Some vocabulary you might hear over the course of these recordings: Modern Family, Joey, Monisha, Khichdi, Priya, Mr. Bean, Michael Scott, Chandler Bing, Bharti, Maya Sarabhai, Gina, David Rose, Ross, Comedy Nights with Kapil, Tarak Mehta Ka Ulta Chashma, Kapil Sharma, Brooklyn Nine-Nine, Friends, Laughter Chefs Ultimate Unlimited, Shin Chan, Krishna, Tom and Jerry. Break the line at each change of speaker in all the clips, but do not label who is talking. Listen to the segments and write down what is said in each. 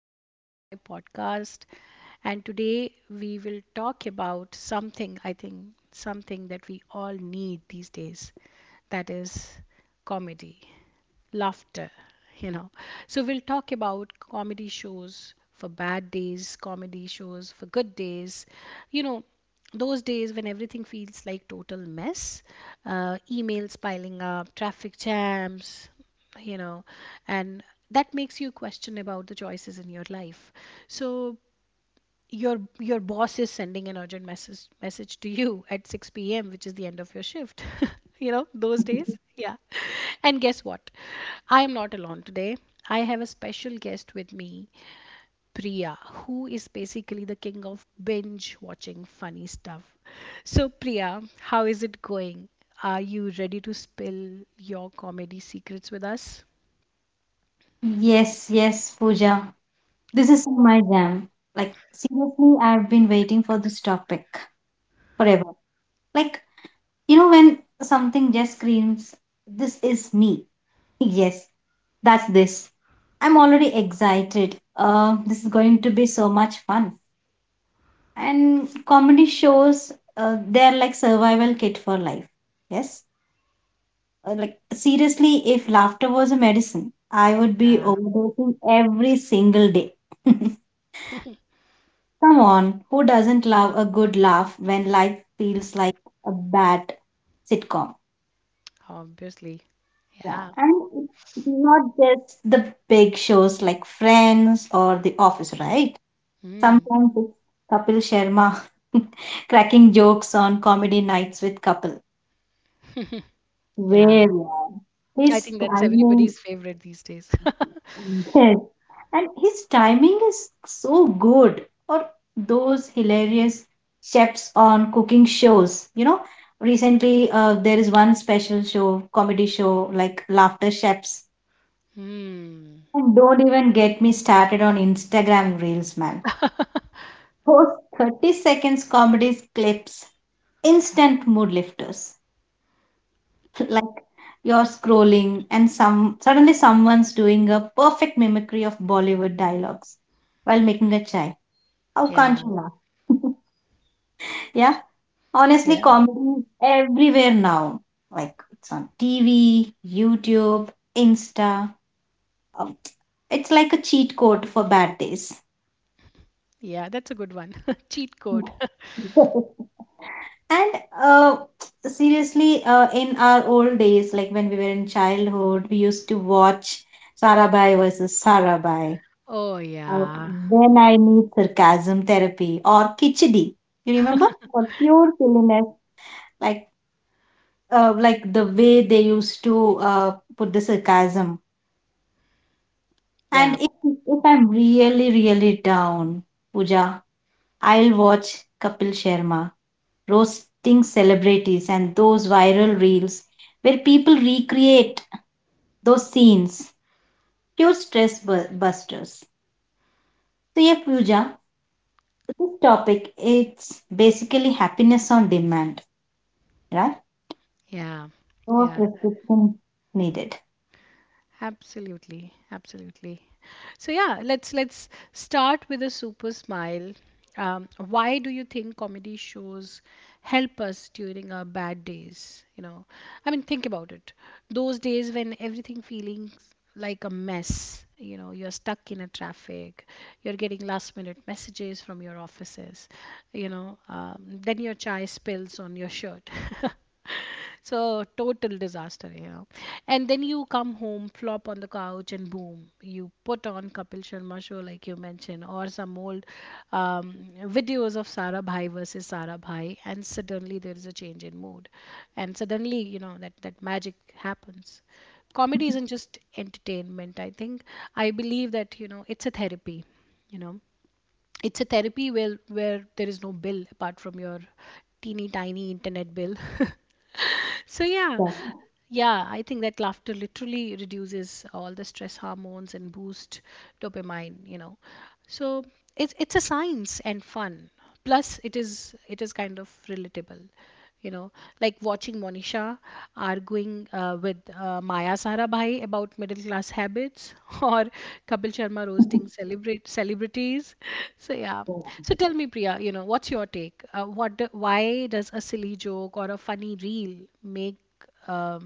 Welcome to my podcast. And today we will talk about something I think something that we all need these days, that is comedy, laughter, you know. So we'll talk about comedy shows for bad days, comedy shows for good days, you know. Those days when everything feels like total mess, emails piling up, traffic jams, you know and that makes you question about the choices in your life. So your boss is sending an urgent message to you at 6 p.m, which is the end of your shift. You know those days? Yeah. And guess what? I am not alone today. I have a special guest with me, Priya, who is basically the king of binge watching funny stuff. So, Priya, how is it going? Are you ready to spill your comedy secrets with us?
Yes, yes, Pooja. This is my jam. Like, seriously, I've been waiting for this topic forever. Like, when something just screams, this is me. Yes, that's this. I'm already excited. This is going to be so much fun. And comedy shows, they're like survival kit for life. Yes. Like, seriously, if laughter was a medicine, I would be
Yeah,
overdosing every single day. Come on, who doesn't love a good laugh when life feels like a bad sitcom?
obviously.
Yeah,
Yeah.
and it's not just the big shows like Friends or The Office, right?
Mm.
Sometimes it's Kapil Sharma cracking jokes on comedy nights with Kapil. Where
Yeah.
yeah.
I
His
think that's
timing,
everybody's favorite these days.
and his timing is so good, or those hilarious chefs on cooking shows, recently there is one special show, comedy show, like Laughter Chefs.
Hmm.
And don't even get me started on Instagram reels, man. Those 30 seconds comedy clips, instant mood lifters. Like you're scrolling and some suddenly someone's doing a perfect mimicry of Bollywood dialogues while making a chai. How can't
Yeah.
you laugh? Yeah, honestly,
Yeah.
comedy is everywhere now. Like it's on TV, YouTube, Insta. Um, It's like a cheat code for bad days.
Yeah. That's a good one. Cheat code.
And uh, seriously, in our old days, like when we were in childhood, we used to watch Sarabhai versus Sarabhai.
Oh,
Uh,
yeah.
when I need sarcasm therapy, or Kichidi, you remember? For pure silliness, like like the way they used to put the sarcasm.
Yeah.
And if I'm really, really down, Pooja, I'll watch Kapil Sharma roasting celebrities and those viral reels where people recreate those scenes. Pure stress busters. So yeah, Pooja, this topic, it's basically happiness on demand, right?
Yeah.
No
Yeah.
prescription needed.
Absolutely, absolutely. So yeah, let's start with a super smile. Why do you think comedy shows help us during our bad days? I mean, think about it. Those days when everything feeling like a mess. You're stuck in a traffic, you're getting last minute messages from your offices, then your chai spills on your shirt. So, total disaster. And then you come home, flop on the couch, and boom, you put on Kapil Sharma show, like you mentioned, or some old um, videos of Sara Bhai versus Sara Bhai, and suddenly there is a change in mood. And suddenly, that magic happens. Comedy isn't just entertainment, I think. I believe that, it's a therapy. you know it's a therapy where there is no bill apart from your teeny tiny internet bill. So yeah.
Yeah.
Yeah, I think that laughter literally reduces all the stress hormones and boost dopamine. So it's a science and fun. Plus it is kind of relatable. you know like watching monisha arguing with maya sarabhai about middle class habits, or kapil sharma roasting celebrate celebrities. So yeah, so tell me, priya, what's your take? Why does a silly joke or a funny reel make, um,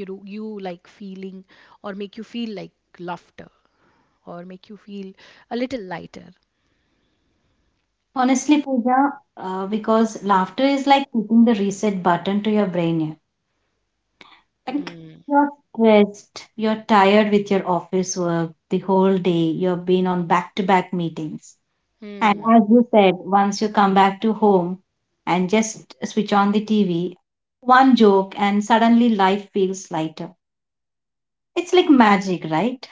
you, do you like feeling, or make you feel like laughter, or make you feel a little lighter?
Honestly, Pooja, because laughter is like hitting the reset button to your brain. Yeah. Like
Mm.
you're stressed, you're tired with your office work the whole day, you've been on back to back meetings. And
Mm.
as you said, once you come back to home and just switch on the TV, one joke, and suddenly life feels lighter. It's like magic, right?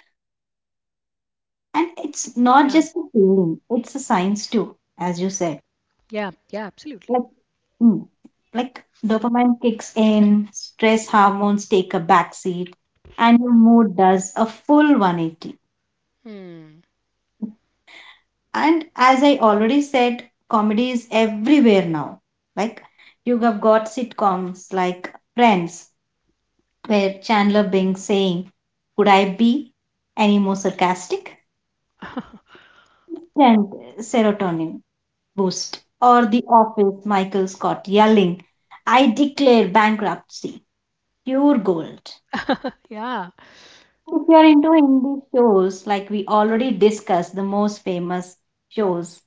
And it's not just a feeling, it's a science too, as you said.
Yeah, yeah, absolutely.
Like, mm, like dopamine kicks in, stress hormones take a backseat, and your mood does a full 180.
Hmm.
And as I already said, comedy is everywhere now. Like, you have got sitcoms like Friends, where Chandler Bing saying, could I be any more sarcastic? And serotonin boost. Or The Office, Michael Scott yelling, I declare bankruptcy. Pure gold.
Yeah.
If you are into Hindi shows, like we already discussed the most famous shows,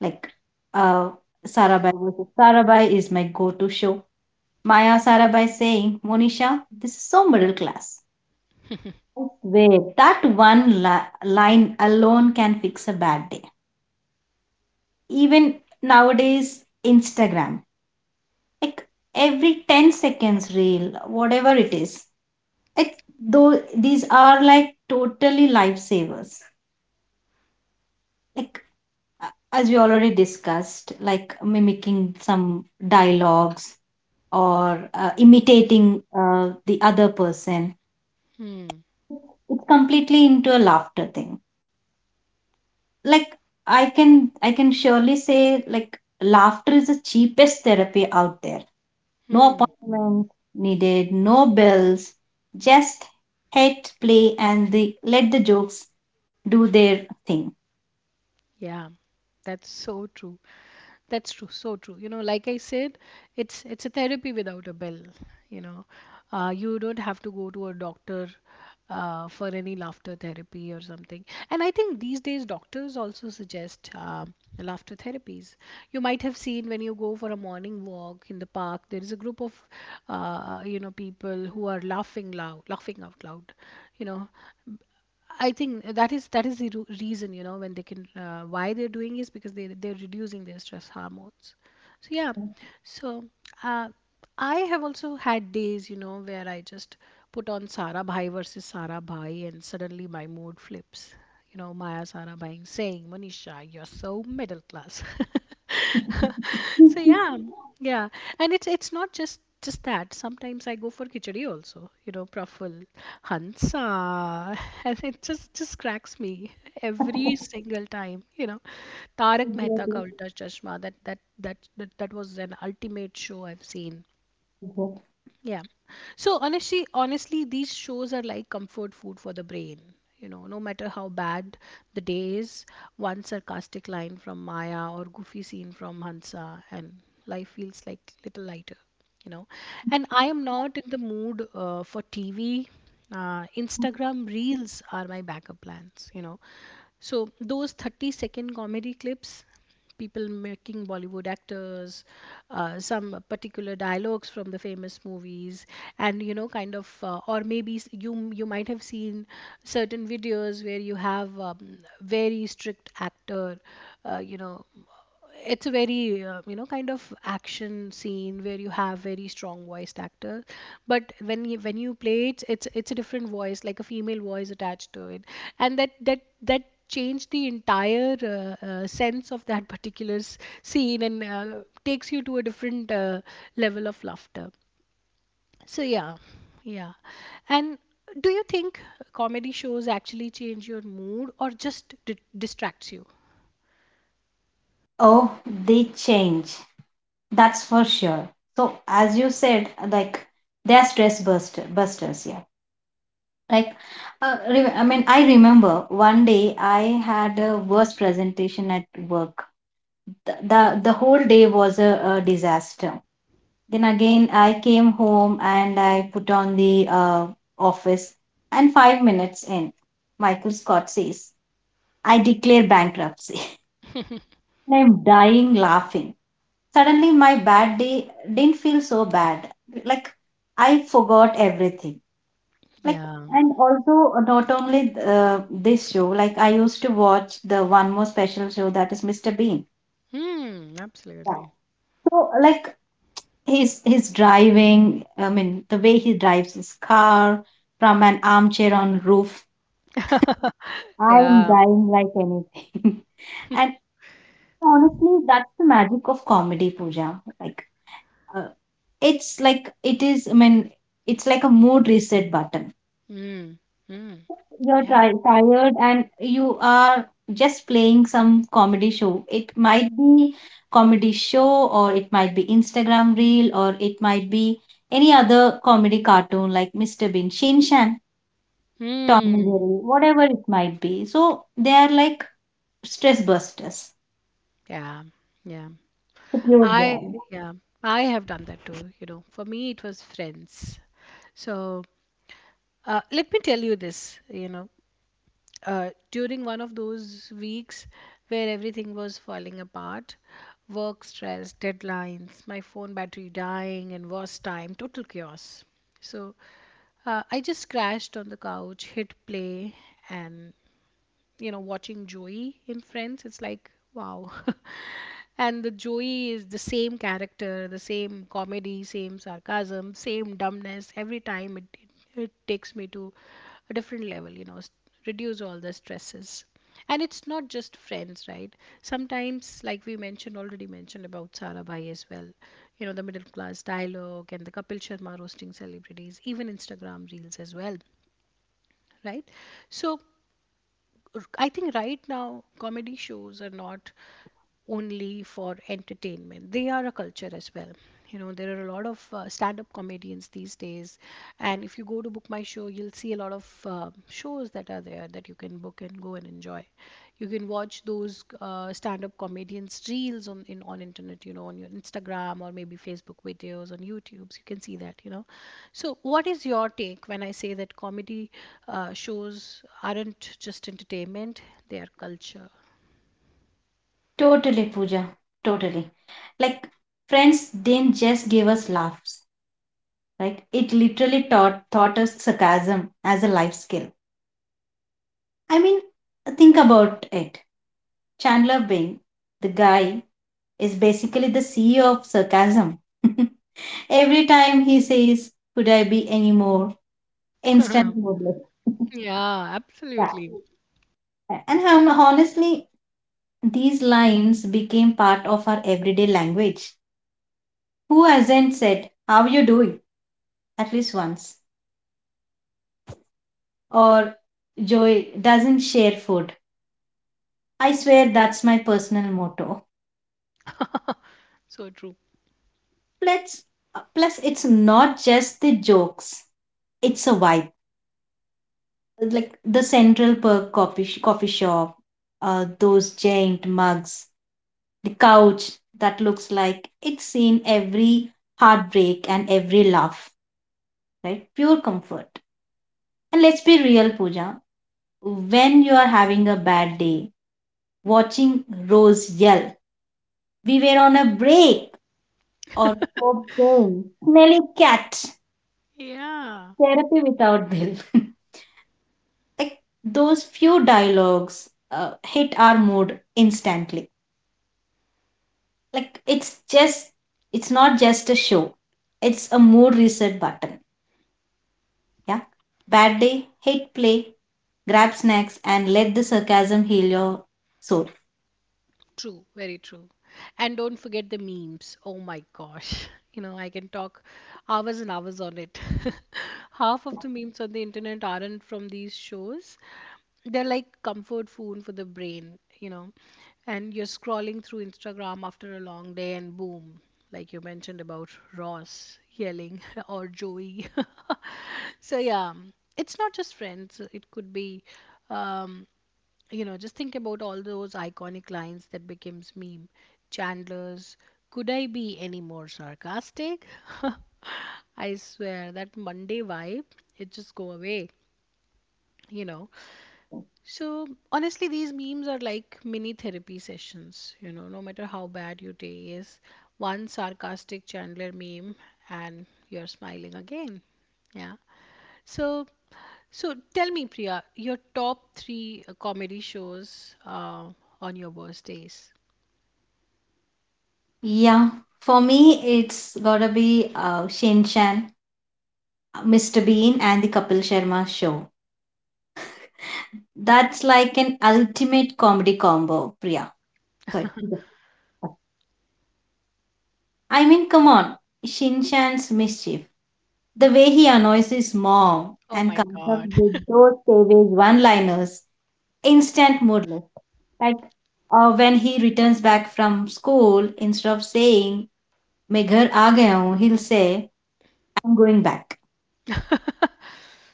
like uh, Sarabhai versus Sarabhai is my go-to show. Maya Sarabhai saying, Monisha, this is so middle class. I swear, that one line alone can fix a bad day. Even nowadays, Instagram, like every 10 seconds reel, whatever it is, it, though these are like totally lifesavers. Like as we already discussed, like mimicking some dialogues or imitating the other person,
Hmm.
it's completely into a laughter thing. Like I can surely say, like laughter is the cheapest therapy out there. No
Hmm.
appointments needed, no bills, just hit play and the let the jokes do their thing.
Yeah, that's so true. That's true, so true. You know, like I said, it's a therapy without a bill. You know, you don't have to go to a doctor for any laughter therapy or something. And I think these days doctors also suggest laughter therapies. You might have seen when you go for a morning walk in the park, there is a group of people who are laughing loud, laughing out loud. You know, I think that is the reason. You know, when they can why they're doing is because they're reducing their stress hormones. So yeah, so uh, I have also had days, you know, where I just put on Sara Bhai versus Sara Bhai and suddenly my mood flips. You know, Maya Sara Bhai saying, Manisha, you're so middle class. So yeah, yeah, and it's not just that. Sometimes I go for khichdi also, you know, truffle, Hansa, and it just cracks me every single time. You know, Tarak Mehta Ka
Exactly.
Ulta Chashma. That was an ultimate show I've seen.
Exactly.
Yeah. So honestly, these shows are like comfort food for the brain. You know, no matter how bad the day is, one sarcastic line from Maya or goofy scene from Hansa, and life feels like little lighter. You know, and I am not in the mood for TV. Instagram reels are my backup plans. You know, so those 30-second comedy clips, people making Bollywood actors, some particular dialogues from the famous movies, and you know, kind of, or maybe you might have seen certain videos where you have, very strict actor, uh, you know, it's a very kind of action scene where you have very strong voiced actor, but when you play it, it's a different voice, like a female voice attached to it. And that changed the entire sense of that particular scene, and takes you to a different level of laughter. So yeah, yeah, and do you think comedy shows actually change your mood or just distracts you?
Oh, they change. That's for sure. So as you said, like they're stress busters, yeah. Like, I mean, I remember 1 day I had a worst presentation at work. The whole day was a disaster. Then again, I came home and I put on the office. And 5 minutes in, Michael Scott says, "I declare bankruptcy." And I'm dying laughing. Suddenly, my bad day didn't feel so bad. Like, I forgot everything. Like,
Yeah.
and also, not only this show, like, I used to watch the one more special show, that is Mr. Bean.
Hmm,
Yeah.
absolutely.
So, like, he's driving, I mean, the way he drives his car from an armchair on roof. I'm
Yeah.
dying like anything. And honestly, that's the magic of comedy, Pooja. Like, uh, it's like it is I mean it's like a mood reset button.
Mm. Mm.
You're
Yeah.
tired and you are just playing some comedy show. It might be comedy show, or it might be Instagram reel, or it might be any other comedy cartoon like Mr. Bean, Shinshan, Tom and
Mm.
Jerry, whatever it might be. So they are like stress busters,
Yeah. Yeah.
the pure
I
joy.
yeah. I have done that too, you know. For me it was friends. So let me tell you this, you know, during one of those weeks where everything was falling apart, work stress, deadlines, my phone battery dying, and worse time, total chaos. So I just crashed on the couch, hit play, and you know, watching Joey in Friends, it's like, wow. And the Joey is the same character, the same comedy, same sarcasm, same dumbness. Every time it takes me to a different level, you know, reduce all the stresses. And it's not just friends, right? Sometimes, like we mentioned, already mentioned about Sarabhai as well, you know, the middle class dialogue and the Kapil Sharma roasting celebrities, even Instagram reels as well, right? So, I think right now comedy shows are not only for entertainment. They are a culture as well. You know, there are a lot of stand-up comedians these days, and if you go to book my show, you'll see a lot of shows that are there that you can book and go and enjoy. You can watch those stand-up comedians reels on internet, you know, on your Instagram or maybe Facebook videos on YouTube. So you can see that. So, what is your take when I say that comedy shows aren't just entertainment; they are culture?
Totally, Pooja. Totally. Like Friends didn't just give us laughs, right? It literally taught us sarcasm as a life skill. I mean, think about it. Chandler Bing, the guy is basically the CEO of sarcasm. Every time he says could I be any more, instant moodless.
Yeah,
Yeah,
absolutely.
and honestly, these lines became part of our everyday language. Who hasn't said how you doing at least once? Or joy doesn't share food. I swear that's my personal motto.
So true.
Plus, plus it's not just the jokes, it's a vibe. Like the Central Perk coffee, coffee shop, those giant mugs, the couch that looks like it's in every heartbreak and every laugh, right? Pure comfort. And let's be real, Pooja, when you are having a bad day, watching Rose yell we were on a break, or Pope saying smelly cat,
Yeah.
therapy without bill. Like those few dialogues hit our mood instantly. Like it's just, it's not just a show, it's a mood reset button. Yeah, bad day, hit play, grab snacks, and let the sarcasm heal your soul.
True, very true. And don't forget the memes. Oh my gosh. You know, I can talk hours and hours on it. Half of the memes on the internet aren't from these shows. They're like comfort food for the brain, you know. And you're scrolling through Instagram after a long day and boom, like you mentioned about Ross yelling or Joey. So yeah, it's not just friends. It could be, um, just think about all those iconic lines that becomes meme. Chandler's, could I be any more sarcastic? I swear that monday vibe, it just go away you know so honestly these memes are like mini therapy sessions. No matter how bad your day is, one sarcastic chandler meme, and you're smiling again. Yeah. So so tell me, Priya, your top three comedy shows on your worst days.
Yeah, for me, it's gotta be Shin Chan, Mr. Bean, and the Kapil Sharma show. That's like an ultimate comedy combo, Priya, sorry. I mean, come on. Shinshan's mischief. The way he annoys his mom
Oh
and
my
comes up
God.
with those savage one liners, instant mood lift. Like when he returns back from school, instead of saying, "मैं घर आ गया हूँ," he'll say, "I'm going back."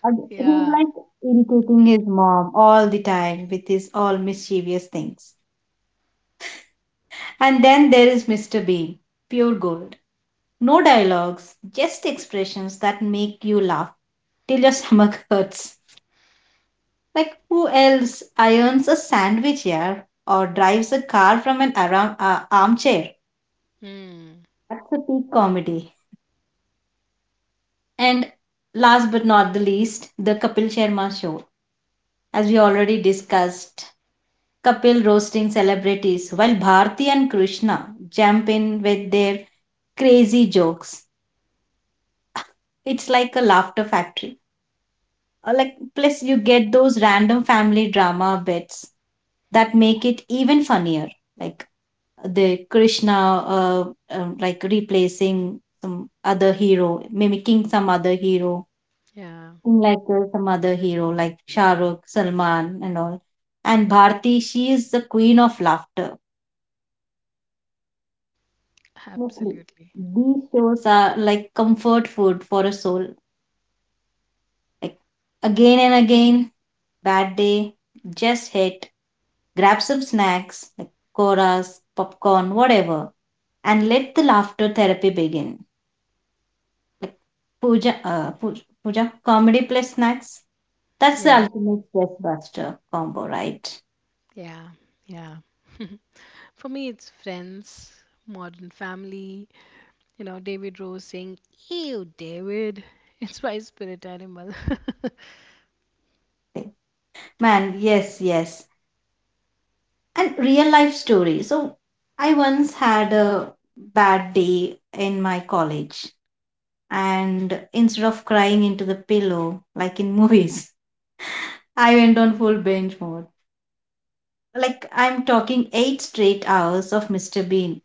He's
Yeah.
like irritating his mom all the time with his all mischievous things. And then there is Mr. Bean, pure gold. No dialogues, just expressions that make you laugh till your stomach hurts. Like, who else irons a sandwich here, or drives a car from an armchair?
Hmm.
That's a peak comedy. And last but not the least, the Kapil Sharma show. As we already discussed, Kapil roasting celebrities while Bharti and Krishna jump in with their crazy jokes. It's like a laughter factory. Like plus you get those random family drama bits that make it even funnier, like the Krishna, uh, like replacing some other hero, mimicking some other hero,
Yeah.
in like some other hero like Shah Rukh, Salman, and all. And Bharti, she is the queen of laughter. Honestly,
Absolutely.
these shows are like comfort food for a soul. Like again and again, bad day, just hit, grab some snacks, like koras, popcorn, whatever, and let the laughter therapy begin. Like Puja, Puja, comedy plus snacks. That's the
Yeah.
ultimate stress buster combo, right?
Yeah. Yeah. For me, it's Friends, Modern Family, you know, David Rose saying, Ew, David. It's my spirit animal.
Like, man, yes, yes. And real life story. So I once had a bad day in my college. And instead of crying into the pillow like in movies, I went on full binge mode. Like I'm talking 8 straight hours of Mr. Bean.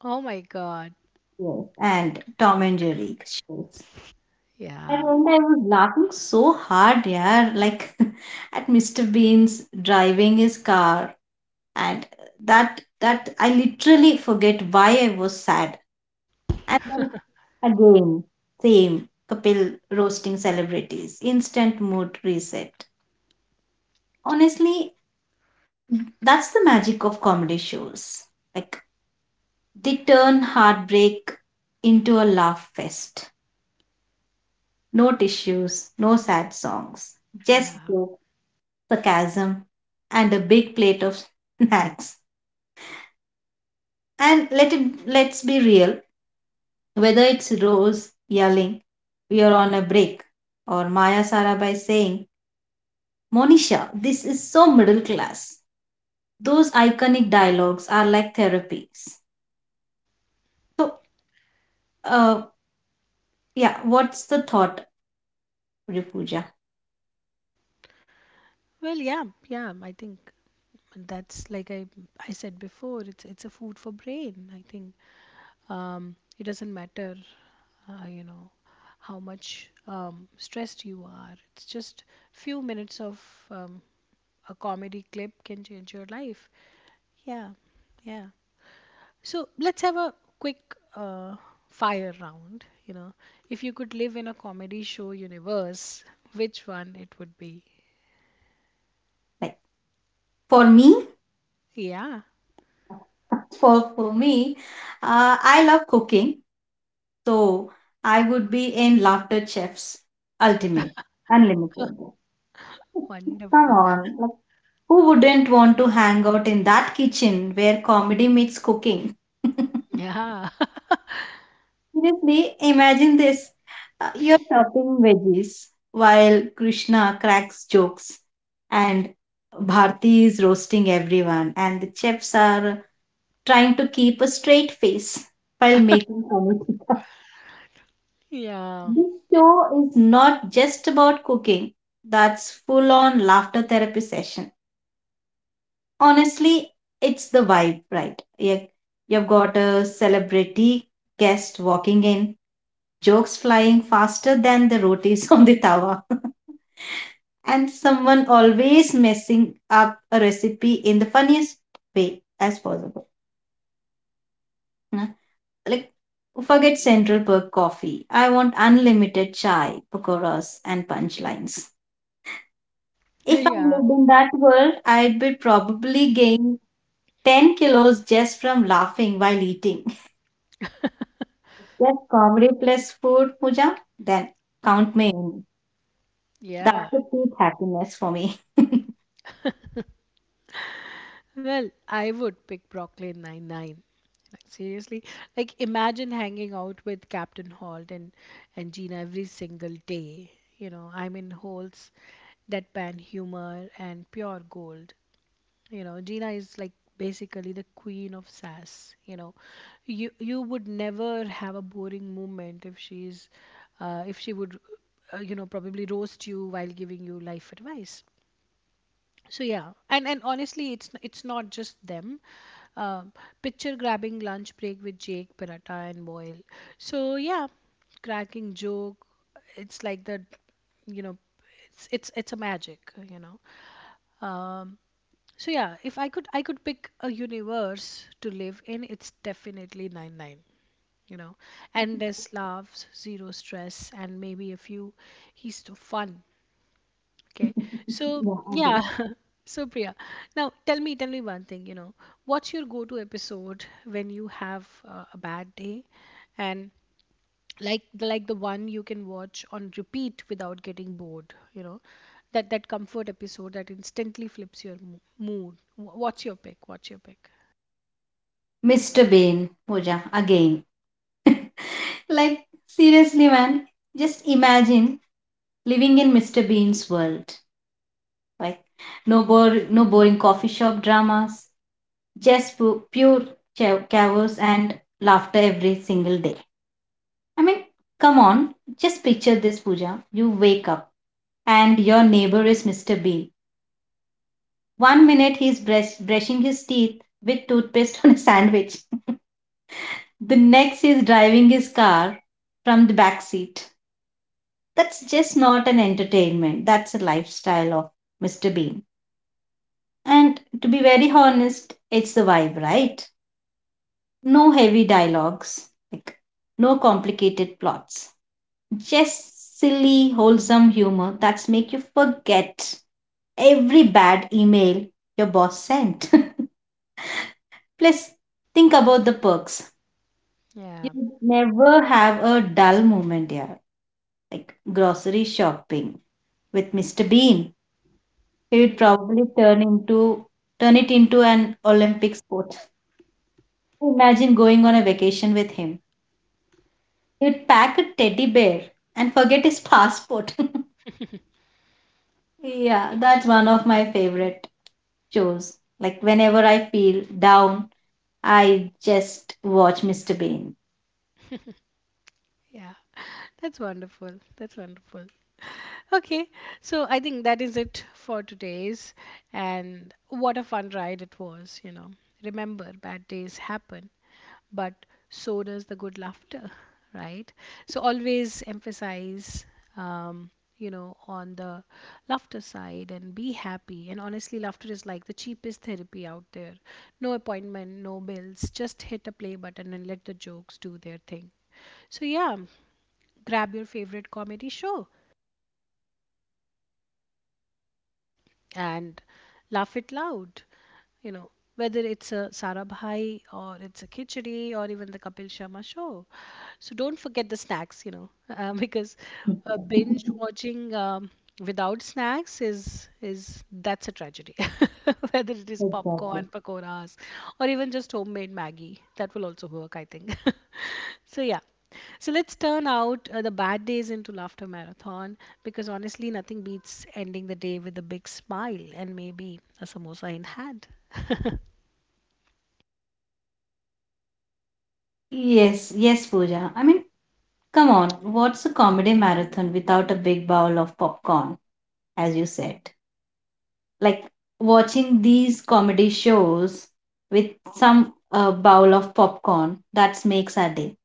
Oh my God.
Yes. And Tom and Jerry, yes. I
Yeah.
remember I was laughing so hard, yeah, like at Mr. Bean's driving his car, and that I literally forget why I was sad. And then again, same Kapil roasting celebrities, instant mood reset. Honestly, that's the magic of comedy shows. Like they turn heartbreak into a laugh fest. No tissues, no sad songs, just
Yeah.
joke, sarcasm, and a big plate of snacks. And let's be real. Whether it's Rose yelling, "We are on a break," or Maya Sarabhai saying, "Monisha, this is so middle class." Those iconic dialogues are like therapies. So, uh, yeah, what's the thought? Puja, Puja.
Well, yeah. Yeah. I think. And that's like, I said before, it's a food for brain. I think, it doesn't matter, you know, how much, stressed you are. It's just few minutes of, a comedy clip can change your life. Yeah, yeah. So let's have a quick fire round. You know, if you could live in a comedy show universe, which one it would be?
Like for me,
Yeah,
for me, I love cooking, so I would be in Laughter Chefs Ultimate Unlimited. Come
wonderful.
on, like who wouldn't want to hang out in that kitchen where comedy meets cooking?
Yeah,
Seriously, imagine this. You're chopping veggies while Krishna cracks jokes and Bharti is roasting everyone, and the chefs are trying to keep a straight face while making pranithika.
yeah,
This show is not just about cooking. That's full on laughter therapy session. Honestly, it's the vibe, right? You've got a celebrity guest walking in, jokes flying faster than the rotis on the tawa, and someone always messing up a recipe in the funniest way as possible. Hmm? Like forget Central Perk coffee. I want unlimited chai, pakoras, and punchlines. If I
yeah.
lived in that world, I'd be probably gain 10 kilos just from laughing while eating. Just comedy plus food, Pooja, then count me in. That's
Yeah.
the peak happiness for me. Yeah,
Well, I would pick Brooklyn Nine-Nine. Like, seriously, like imagine hanging out with Captain Holt and Gina every single day. You know, I mean, Holt's deadpan humor and pure gold. You know, Gina is like basically the queen of sass. You know, you would never have a boring moment if she's if she would, probably roast you while giving you life advice. So yeah, and honestly, it's not just them. um, Picture grabbing lunch break with jake paratha and boyle. So yeah, cracking joke, it's like the you know it's a magic you know um so yeah, if I could pick a universe to live in, it's definitely 9-9, you know endless laughs, zero stress, and maybe a few he's so fun. Okay. So, yeah.
agree.
So, Priya, now tell me one thing, you know, what's your go-to episode when you have a bad day, and like the one you can watch on repeat without getting bored, you know, that comfort episode that instantly flips your mood. What's your pick? What's your pick?
Mr. Bean, Pooja, again. Like, seriously, man, just imagine living in Mr. Bean's world. Like no bore, no boring coffee shop dramas, just pure chaos and laughter every single day. I mean, come on, just picture this, Pooja. You wake up and your neighbor is Mr. Bean. 1 minute he's brushing his teeth with toothpaste on a sandwich. The next he's driving his car from the back seat. That's just not an entertainment. That's a lifestyle of Mr. Bean. And to be very honest, it's the vibe, right? No heavy dialogues, like no complicated plots. Just silly, wholesome humor that's make you forget every bad email your boss sent. Plus, think about the perks. You
Yeah.
would never have a dull moment here, like grocery shopping with Mr. Bean. He would
Hmm.
probably turn it into an Olympic sport. Imagine going on a vacation with him. He'd pack a teddy bear and forget his passport. Yeah, that's one of my favorite shows. Like whenever I feel down, I just watch Mr. Bean.
Yeah. That's wonderful. That's wonderful. Okay, so I think that is it for today's. And what a fun ride it was, you know. Remember, bad days happen, but so does the good laughter, right? So always emphasize, um, on the laughter side and be happy. And honestly, laughter is like the cheapest therapy out there. No appointment, no bills. Just hit a play button and let the jokes do their thing. So, yeah, grab your favorite comedy show and laugh it loud. You know, whether it's a Sarabhai or it's a Khichdi or even the Kapil Sharma show. So don't forget the snacks, you know, because binge watching, without snacks is that's a tragedy. Whether it is
Exactly.
popcorn, pakoras, or even just homemade Maggie, that will also work, I think. So yeah. So let's turn out the bad days into laughter marathon, because honestly, nothing beats ending the day with a big smile and maybe a samosa in hand.
Yes, yes, Pooja. I mean, come on, what's a comedy marathon without a big bowl of popcorn, as you said? Like watching these comedy shows with some bowl of popcorn, that makes our day.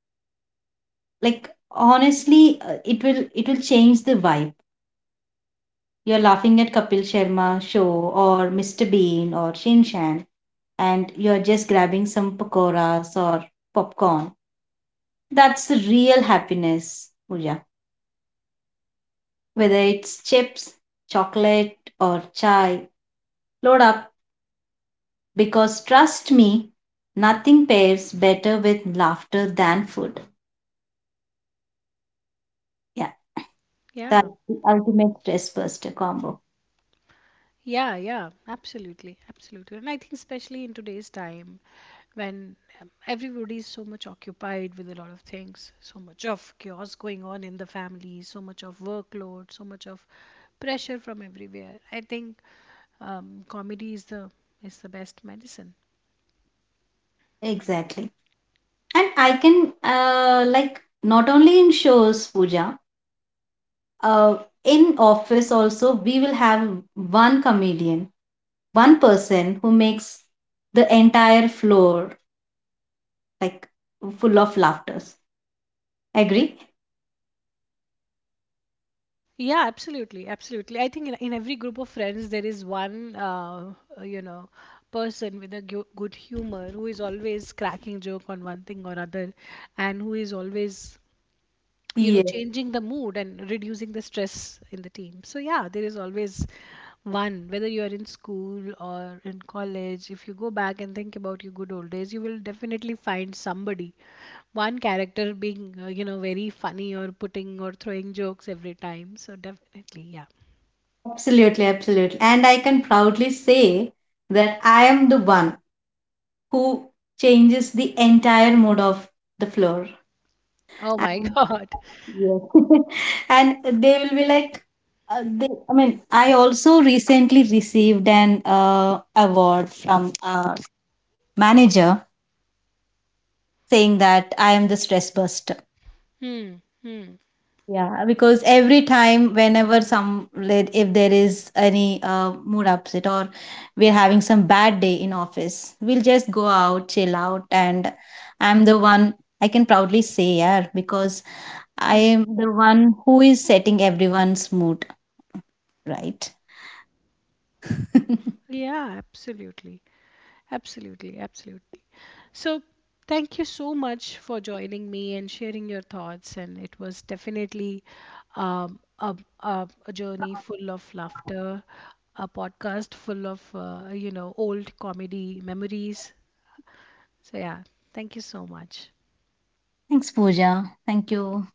Like honestly it will, it will change the vibe. You're laughing at Kapil Sharma show, or Mr. Bean, or Shin Shan, and you're just grabbing some pakoras or popcorn. That's the real happiness, Puja. Whether it's chips, chocolate, or chai, load up, because trust me, nothing pairs better with laughter than food. Yeah,
Yeah,
that's the ultimate stress buster combo.
yeah, yeah, absolutely, absolutely. And I think, especially in today's time when, everybody is so much occupied with a lot of things, so much of chaos going on in the family, so much of workload, so much of pressure from everywhere. I think, comedy is the best medicine.
Exactly, and I can like not only in shows, Puja, uh, in office also we will have one comedian, one person who makes the entire floor like full of laughters. Agree.
Yeah, absolutely, absolutely. I think in every group of friends there is one, you know, person with a gu good humor who is always cracking joke on one thing or other, and who is always
Yes,
changing the mood and reducing the stress in the team. So yeah, there is always one, whether you are in school or in college. If you go back and think about your good old days, you will definitely find somebody, one character being, very funny, or putting or throwing jokes every time. So definitely, yeah.
absolutely, absolutely, and I can proudly say that I am the one who changes the entire mood of the floor.
Oh my,
And
god.
yes. And they will be like, I mean, I also recently received an award from a manager saying that I am the stress buster.
Hmm. Hmm.
Yeah, because every time, whenever some, like, if there is any mood upset, or we're having some bad day in office, we'll just go out, chill out, and I'm the one. I can proudly say, yeah, because I
Hmm.
am the one who is setting everyone's mood, right?
Yeah, absolutely. Absolutely, absolutely. So, thank you so much for joining me and sharing your thoughts. And it was definitely, a journey full of laughter, a podcast full of, old comedy memories. So, yeah, thank you so much.
Thanks, Pooja. Thank you.